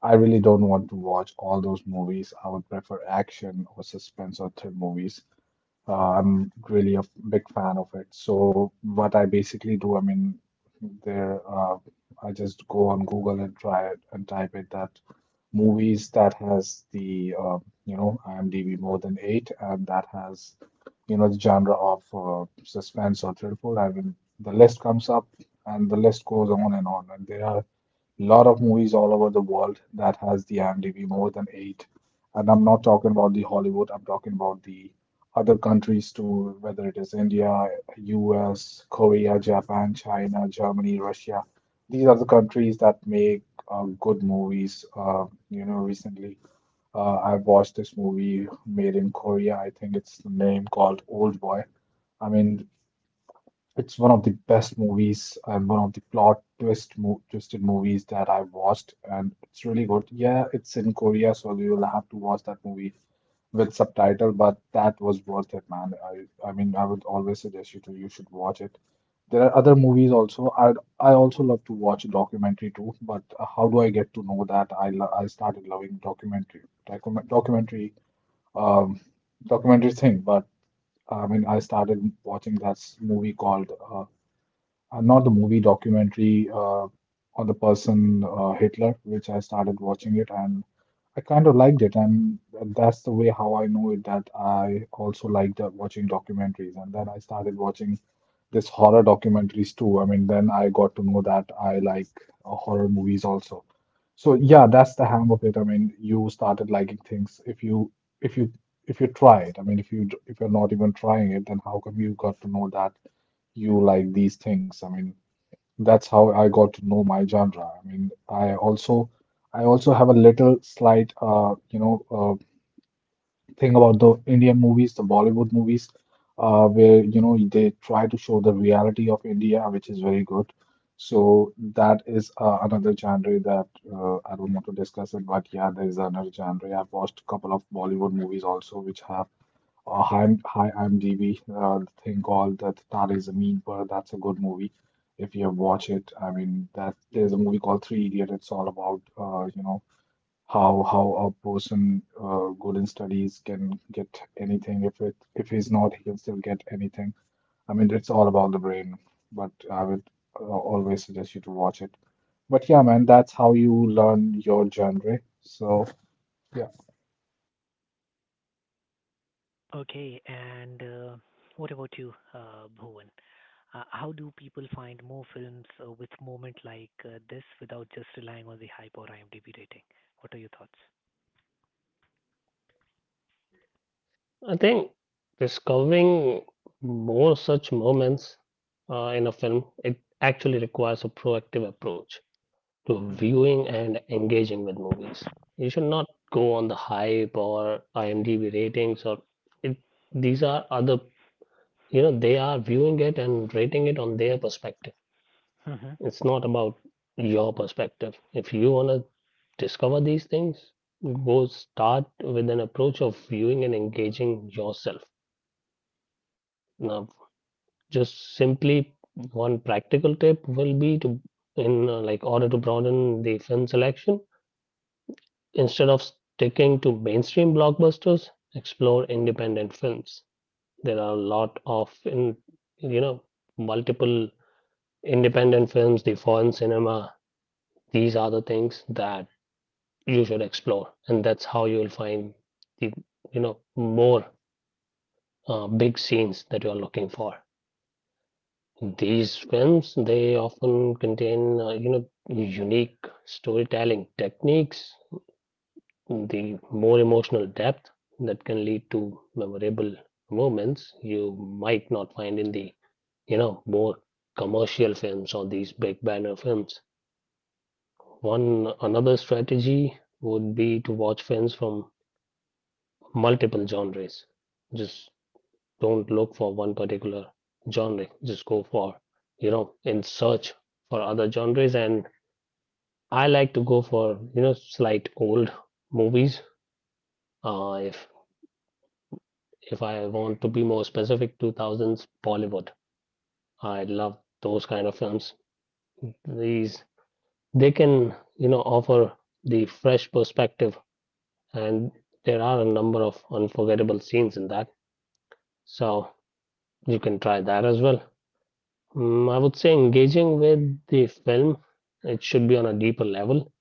B: I really don't want to watch all those movies. I would prefer action or suspense or thrill movies. I'm really a big fan of it. So what I basically do, I mean, there, uh, I just go on Google and try it and type it that movies that has the you know IMDb more than eight and that has you know the genre of suspense or thriller. I mean, the list comes up and the list goes on, and there are lot of movies all over the world that has the IMDb more than eight. And I'm not talking about the Hollywood, I'm talking about the other countries too, whether it is India, US, Korea, Japan, China, Germany, Russia. These are the countries that make good movies. You know, recently, I watched this movie made in Korea. I think it's the name called Old Boy. I mean, it's one of the best movies and one of the plot twisted movies that I watched, and it's really good. Yeah, it's in Korea, so you will have to watch that movie with subtitle, but that was worth it, man. I mean, I would always suggest you to you should watch it. There are other movies also. I also love to watch a documentary too, but how do I get to know that? I started loving documentary document documentary um documentary thing, but I mean, I started watching that movie called not the movie, documentary, on the person, Hitler, which I started watching it, and I kind of liked it. And that's the way how I know it, that I also liked watching documentaries. And then I started watching this horror documentaries too. I mean, then I got to know that I like horror movies also. So yeah, that's the hang of it. I mean, you started liking things if if you you try it. I mean, if you're not even trying it, then how come you got to know that you like these things? I mean, that's how I got to know my genre. I mean, I also have a little slight you know thing about the Indian movies, the Bollywood movies, where you know they try to show the reality of India, which is very good. So that is another genre that I don't want to discuss it, but yeah, there is another genre. I've watched a couple of Bollywood movies also, which have hi, I'm DB. The thing called, that is a Mean Bird. That's a good movie. If you have watched it, I mean, that there's a movie called Three Idiot. It's all about you know how a person, good in studies, can get anything. If it if he's not, he can still get anything. I mean, it's all about the brain. But I would always suggest you to watch it. But yeah, man, that's how you learn your genre. So yeah.
A: Okay, and what about you, Bhuvan? How do people find more films with moment like this without just relying on the hype or IMDb rating? What are your thoughts?
C: I think discovering more such moments in a film, it actually requires a proactive approach to viewing and engaging with movies. You should not go on the hype or IMDb ratings, it, these are other, you know, they are viewing it and rating it on their perspective.
A: Mm-hmm.
C: It's not about your perspective. If you want to discover these things, go start with an approach of viewing and engaging yourself. Now, just simply one practical tip will be to, in order to broaden the film selection, instead of sticking to mainstream blockbusters, explore independent films. There are a lot of, you know, multiple independent films, the foreign cinema. These are the things that you should explore, and that's how you will find the you know more big scenes that you are looking for. These films, they often contain unique storytelling techniques, the more emotional depth that can lead to memorable moments you might not find in the more commercial films or these big banner films. One another strategy would be to watch films from multiple genres. Just don't look for one particular genre. Just go for, you know, in search for other genres. And I like to go for, you know, slight old movies. Uh, if if I want to be more specific, 2000s Bollywood. I love those kind of films. These, they can, you know, offer the fresh perspective, and there are a number of unforgettable scenes in that. So you can try that as well. I would say engaging with the film, it should be on a deeper level,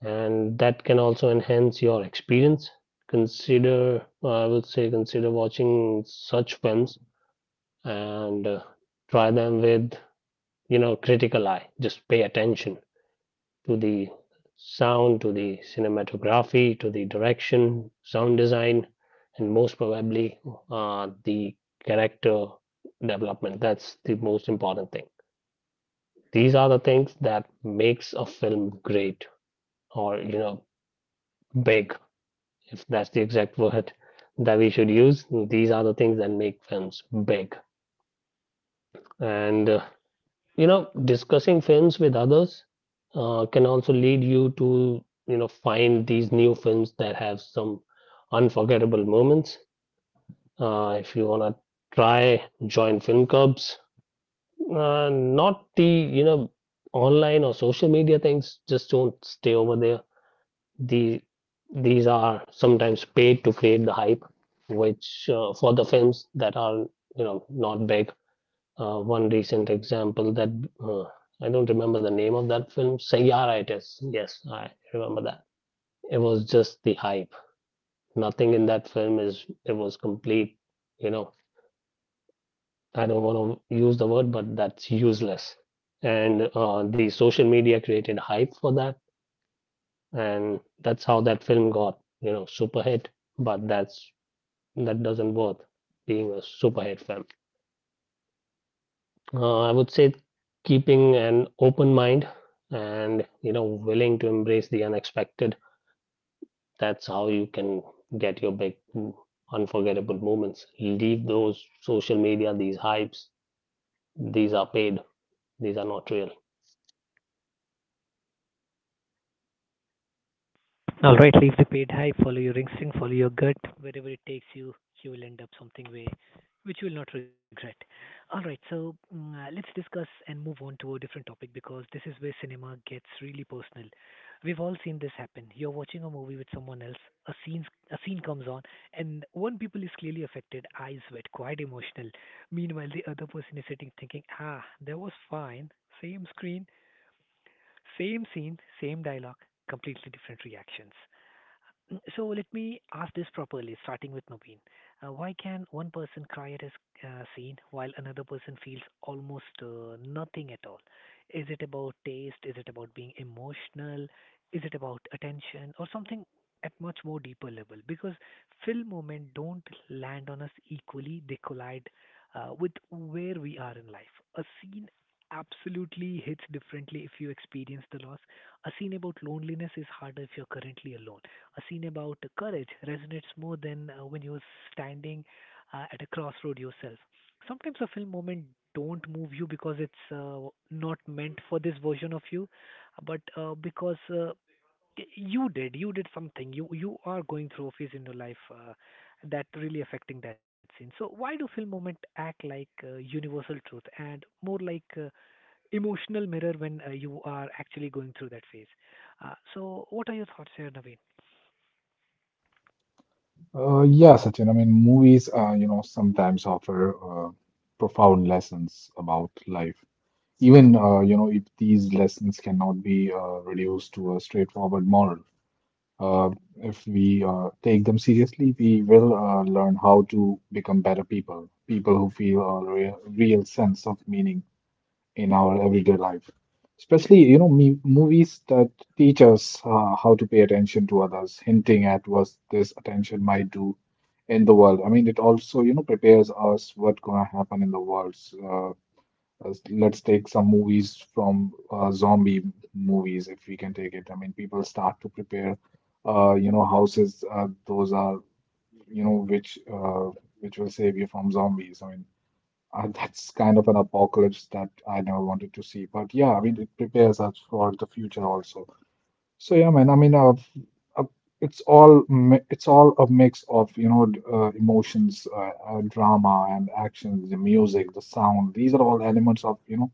C: and that can also enhance your experience. Consider, I would say, consider watching such films and try them with, you know, critical eye. Just pay attention to the sound, to the cinematography, to the direction, sound design, and most probably the character development. That's the most important thing. These are the things that makes a film great or, you know, big, if that's the exact word that we should use. These are the things that make films big. And, you know, discussing films with others can also lead you to, you know, find these new films that have some unforgettable moments. If you want to try, join film clubs. Not the, you know, online or social media things, just don't stay over there. The these are sometimes paid to create the hype, which for the films that are, you know, not big. One recent example that uh, I don't remember the name of that film. Sayyara it is. Yes, I remember that. It was just the hype. Nothing in that film is. It was complete. You know, I don't want to use the word, but that's useless. And the social media created hype for that, and that's how that film got, you know, super hit. But that doesn't worth being a super hit fan. I would say keeping an open mind and, you know, willing to embrace the unexpected. That's how you can get your big, unforgettable moments. Leave those social media, these hypes. These are paid. These are not real.
A: All right, leave the paid high, follow your instinct, follow your gut. Wherever it takes you, you will end up something way which you will not regret. All right, so let's discuss and move on to a different topic because this is where cinema gets really personal. We've all seen this happen. You're watching a movie with someone else, a scene a scene comes on and one people is clearly affected, eyes wet, quite emotional. Meanwhile, the other person is sitting thinking, "Ah, that was fine. Same screen, same scene, same dialogue, completely different reactions." So let me ask this properly, starting with Naveen. Why can one person cry at a scene while another person feels almost nothing at all? Is it about taste? Is it about being emotional? Is it about attention or something at much more deeper level? Because film moments don't land on us equally; they collide with where we are in life. A scene absolutely hits differently if you experience the loss. A scene about loneliness is harder if you're currently alone. A scene about courage resonates more than when you're standing at a crossroad yourself. Sometimes a film moment don't move you because it's not meant for this version of you, but because you did something. You are going through a phase in your life that really affecting that scene. So why do film moment act like universal truth and more like emotional mirror when you are actually going through that phase? So what are your thoughts here, Naveen?
B: Yeah, Sachin. I mean, movies, you know, sometimes offer profound lessons about life. Even, you know, if these lessons cannot be reduced to a straightforward moral, uh, if we take them seriously, we will learn how to become better people, people who feel a real, real sense of meaning in our everyday life. Especially, you know, movies that teach us how to pay attention to others, hinting at what this attention might do in the world. I mean, it also, you know, prepares us what's going to happen in the world. So, let's take some movies from zombie movies, if we can take it. I mean, people start to prepare you know, houses. Those are, you know, uh, which will save you from zombies. I mean, that's kind of an apocalypse that I never wanted to see. But yeah, I mean, it prepares us for the future also. So yeah, man. I mean, uh, it's all a mix of you know emotions, drama, and actions, the music, the sound. These are all elements of you know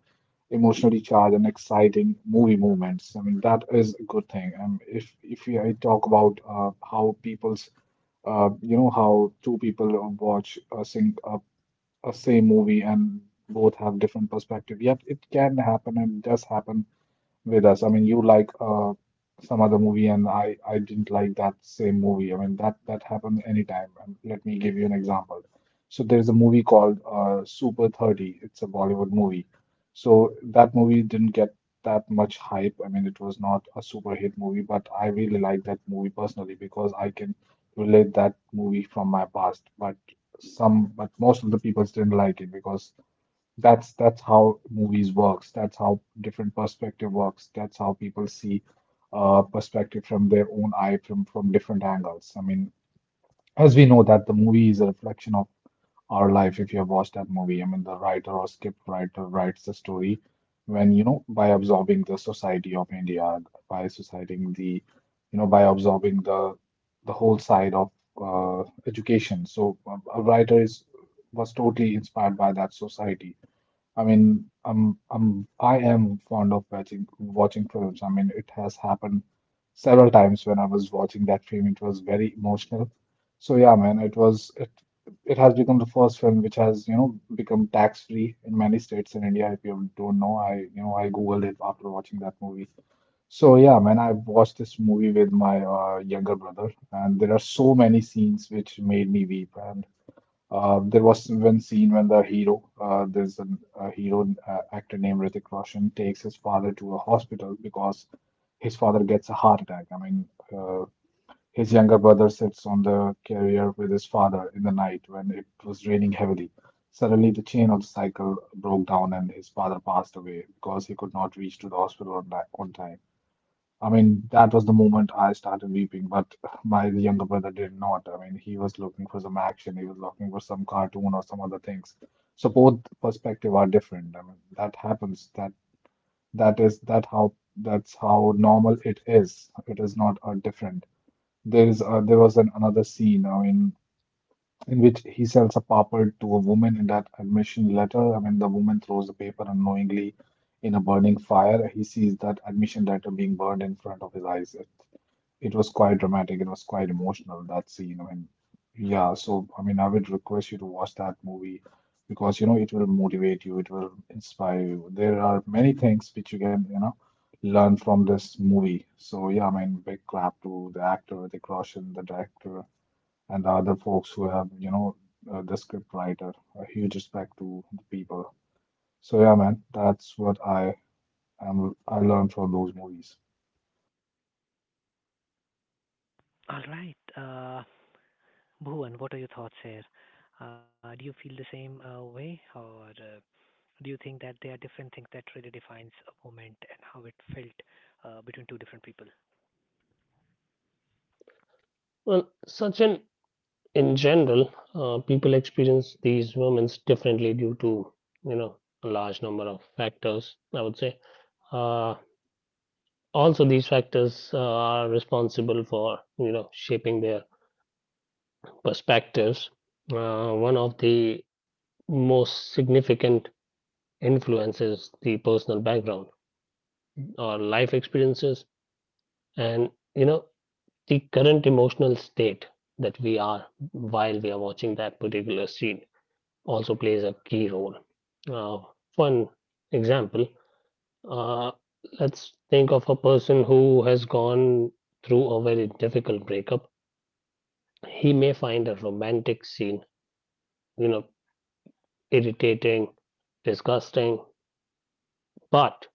B: emotionally charged and exciting movie moments. I mean, that is a good thing. If we I talk about how people's, you know, how two people watch a sing a same movie, and both have different perspective. Yep, it can happen, and it does happen with us. I mean, you like some other movie, and I didn't like that same movie. I mean, that happens anytime. And let me give you an example. So there's a movie called Super 30. It's a Bollywood movie. So that movie didn't get that much hype. I mean, it was not a super hit movie, but I really like that movie personally because I can relate that movie from my past. But but most of the people didn't like it because that's how movies works. That's how different perspective works. That's how people see perspective from their own eye, from different angles. I mean, as we know that the movie is a reflection of our life. If you have watched that movie, I mean, the writer or script writer writes the story, when, you know, by absorbing the society of India, by societing the you know by absorbing the whole side of education. So a writer is was totally inspired by that society. I mean, I am fond of watching films. I mean, it has happened several times. When I was watching that film, it was very emotional. So yeah, man, it was it it has become the first film which has, you know, become tax-free in many states in India. If you don't know, I you know, I Googled it after watching that movie. So yeah, man, I watched this movie with my younger brother, and there are so many scenes which made me weep and there was one scene when the hero, there's a hero, actor named Hrithik Roshan, takes his father to a hospital because his father gets a heart attack. I mean, uh, his younger brother sits on the carrier with his father in the night when it was raining heavily. Suddenly, the chain of the cycle broke down, and his father passed away because he could not reach to the hospital on on time. I mean, that was the moment I started weeping, but my younger brother did not. I mean, he was looking for some action, he was looking for some cartoon or some other things. So both perspective are different. I mean, that happens. That's how normal it is. It is not a different. There was an another scene. I mean, in which he sells a paper to a woman in that admission letter. I mean, the woman throws the paper unknowingly in a burning fire. He sees that admission letter being burned in front of his eyes. It was quite dramatic. It was quite emotional, that scene. I mean, yeah, so I mean, I would request you to watch that movie because, you know, it will motivate you, it will inspire you. There are many things which you can, you know, learn from this movie. So, yeah, I mean, big clap to the actor, Hrithik Roshan, the director, and the other folks who have, you know, the script writer. A huge respect to the people. So, yeah, man, that's what I learned from those movies.
A: All right. Bhuvan, what are your thoughts here? Do you feel the same way, or do you think that there are different things that really defines a moment and how it felt between two different people?
C: Well, Sachin, in general, people experience these moments differently due to, you know, a large number of factors, I would say. Uh, Also, these factors are responsible for, you know, shaping their perspectives. One of the most significant influences, the personal background or life experiences, and, you know, the current emotional state that we are while we are watching that particular scene also plays a key role. uh, One example, uh, let's think of a person who has gone through a very difficult breakup. He may find a romantic scene, you know, irritating, disgusting, but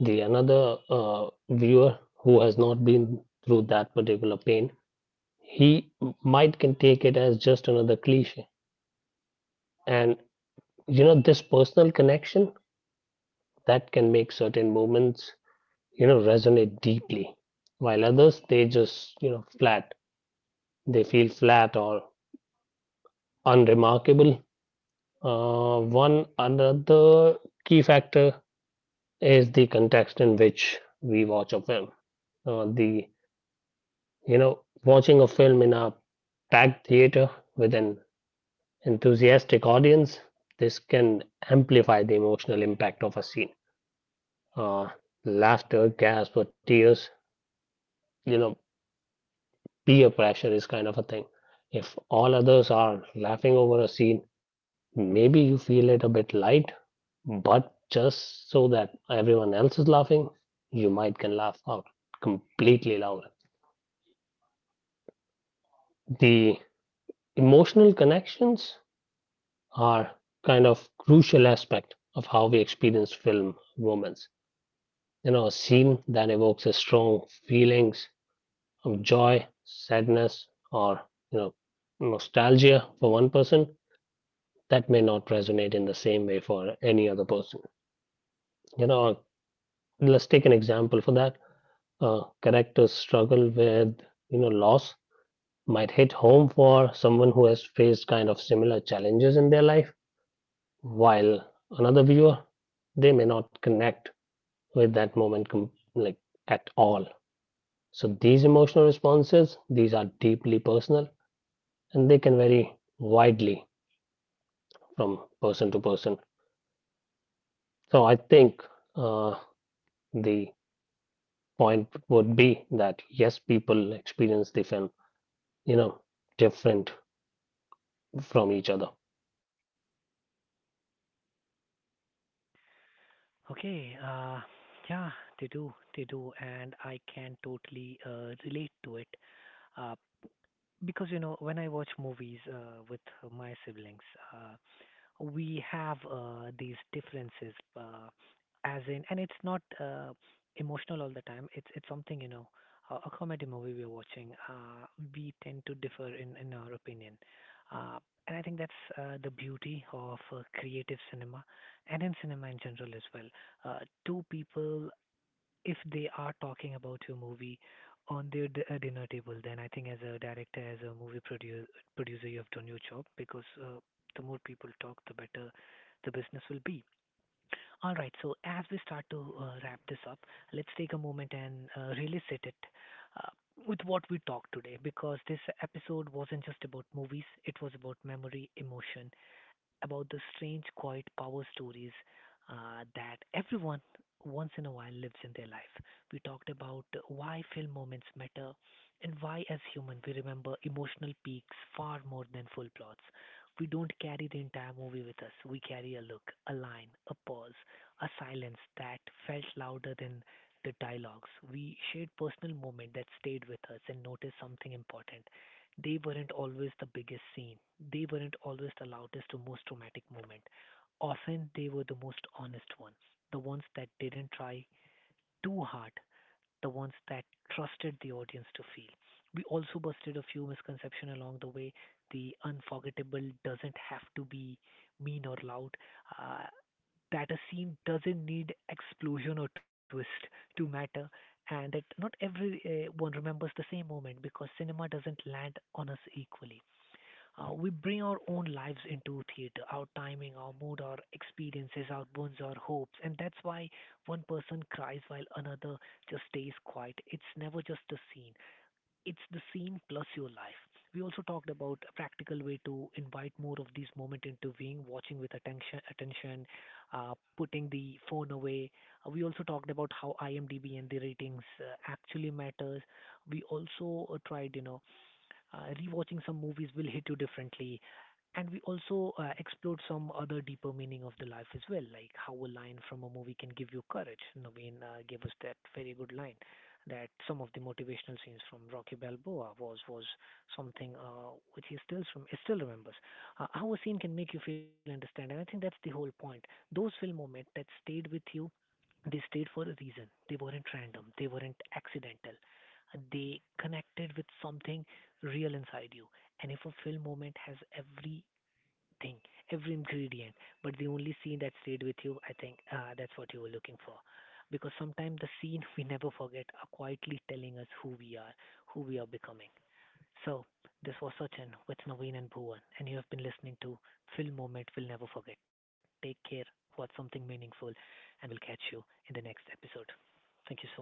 C: the another viewer who has not been through that particular pain, he might can take it as just another cliche. And, you know, this personal connection that can make certain moments, you know, resonate deeply, while others, they just, you know, flat, they feel flat or unremarkable. One another key factor is the context in which we watch a film. The You know, watching a film in a packed theater with an enthusiastic audience, this can amplify the emotional impact of a scene. Uh, Laughter, gasp, or tears. You know, peer pressure is kind of a thing. If all others are laughing over a scene, maybe you feel it a bit light, but just so that everyone else is laughing, you might can laugh out completely loud. The emotional connections are kind of crucial aspect of how we experience film romance. You know, a scene that evokes a strong feelings of joy, sadness, or, you know, nostalgia for one person, that may not resonate in the same way for any other person. You know, let's take an example for that. Characters struggle with, you know, loss might hit home for someone who has faced kind of similar challenges in their life, while another viewer, they may not connect with that moment, like, at all. So these emotional responses, these are deeply personal, and they can vary widely from person to person. So I think uh, the point would be that yes, people experience the film, you know, different from each other.
A: Okay, yeah, they do, and I can totally relate to it. Uh, because you know, when I watch movies with my siblings, uh, we have these differences, as in, and it's not emotional all the time. It's something you know, a comedy movie we're watching. We tend to differ in our opinion, uh, and I think that's the beauty of creative cinema, and in cinema in general as well. Uh, Two people if they are talking about your movie on their dinner table, then I think as a director, as a producer, you have done your job because the more people talk, the better the business will be. All right, so as we start to wrap this up, let's take a moment and really sit it uh, with what we talked today because this episode wasn't just about movies, it was about memory, emotion, about the strange, quiet power stories that everyone once in a while lives in their life. We talked about why film moments matter and why, as human, we remember emotional peaks far more than full plots. We don't carry the entire movie with us. We carry a look, a line, a pause, a silence that felt louder than the dialogues. We shared personal moment that stayed with us and noticed something important. They weren't always the biggest scene. They weren't always the loudest or most dramatic moment. Often they were the most honest ones, the ones that didn't try too hard, the ones that trusted the audience to feel. We also busted a few misconceptions along the way. The unforgettable doesn't have to be mean or loud. Uh, that a scene doesn't need explosion or twist to matter, and that not everyone remembers the same moment because cinema doesn't land on us equally. We bring our own lives into theater, our timing, our mood, our experiences, our wounds, our hopes, and that's why one person cries while another just stays quiet. It's never just a scene, it's the scene plus your life. We also talked about a practical way to invite more of these moments into being, watching with attention, putting the phone away. We also talked about how IMDb and the ratings actually matters. We also tried, you know, rewatching some movies will hit you differently. And we also explored some other deeper meaning of the life as well, like how a line from a movie can give you courage. Naveen gave us that very good line that some of the motivational scenes from Rocky Balboa was something which he still remembers. How a scene can make you feel understand, and I think that's the whole point. Those film moments that stayed with you, they stayed for a reason. They weren't random. They weren't accidental. They connected with something real inside you. And if a film moment has everything, every ingredient, but the only scene that stayed with you, I think that's what you were looking for. Because sometimes the scene we never forget are quietly telling us who we are becoming. So, this was Sachin with Naveen and Bhuvan, and you have been listening to Film Moment We'll Never Forget. Take care, watch something meaningful, and we'll catch you in the next episode. Thank you so much.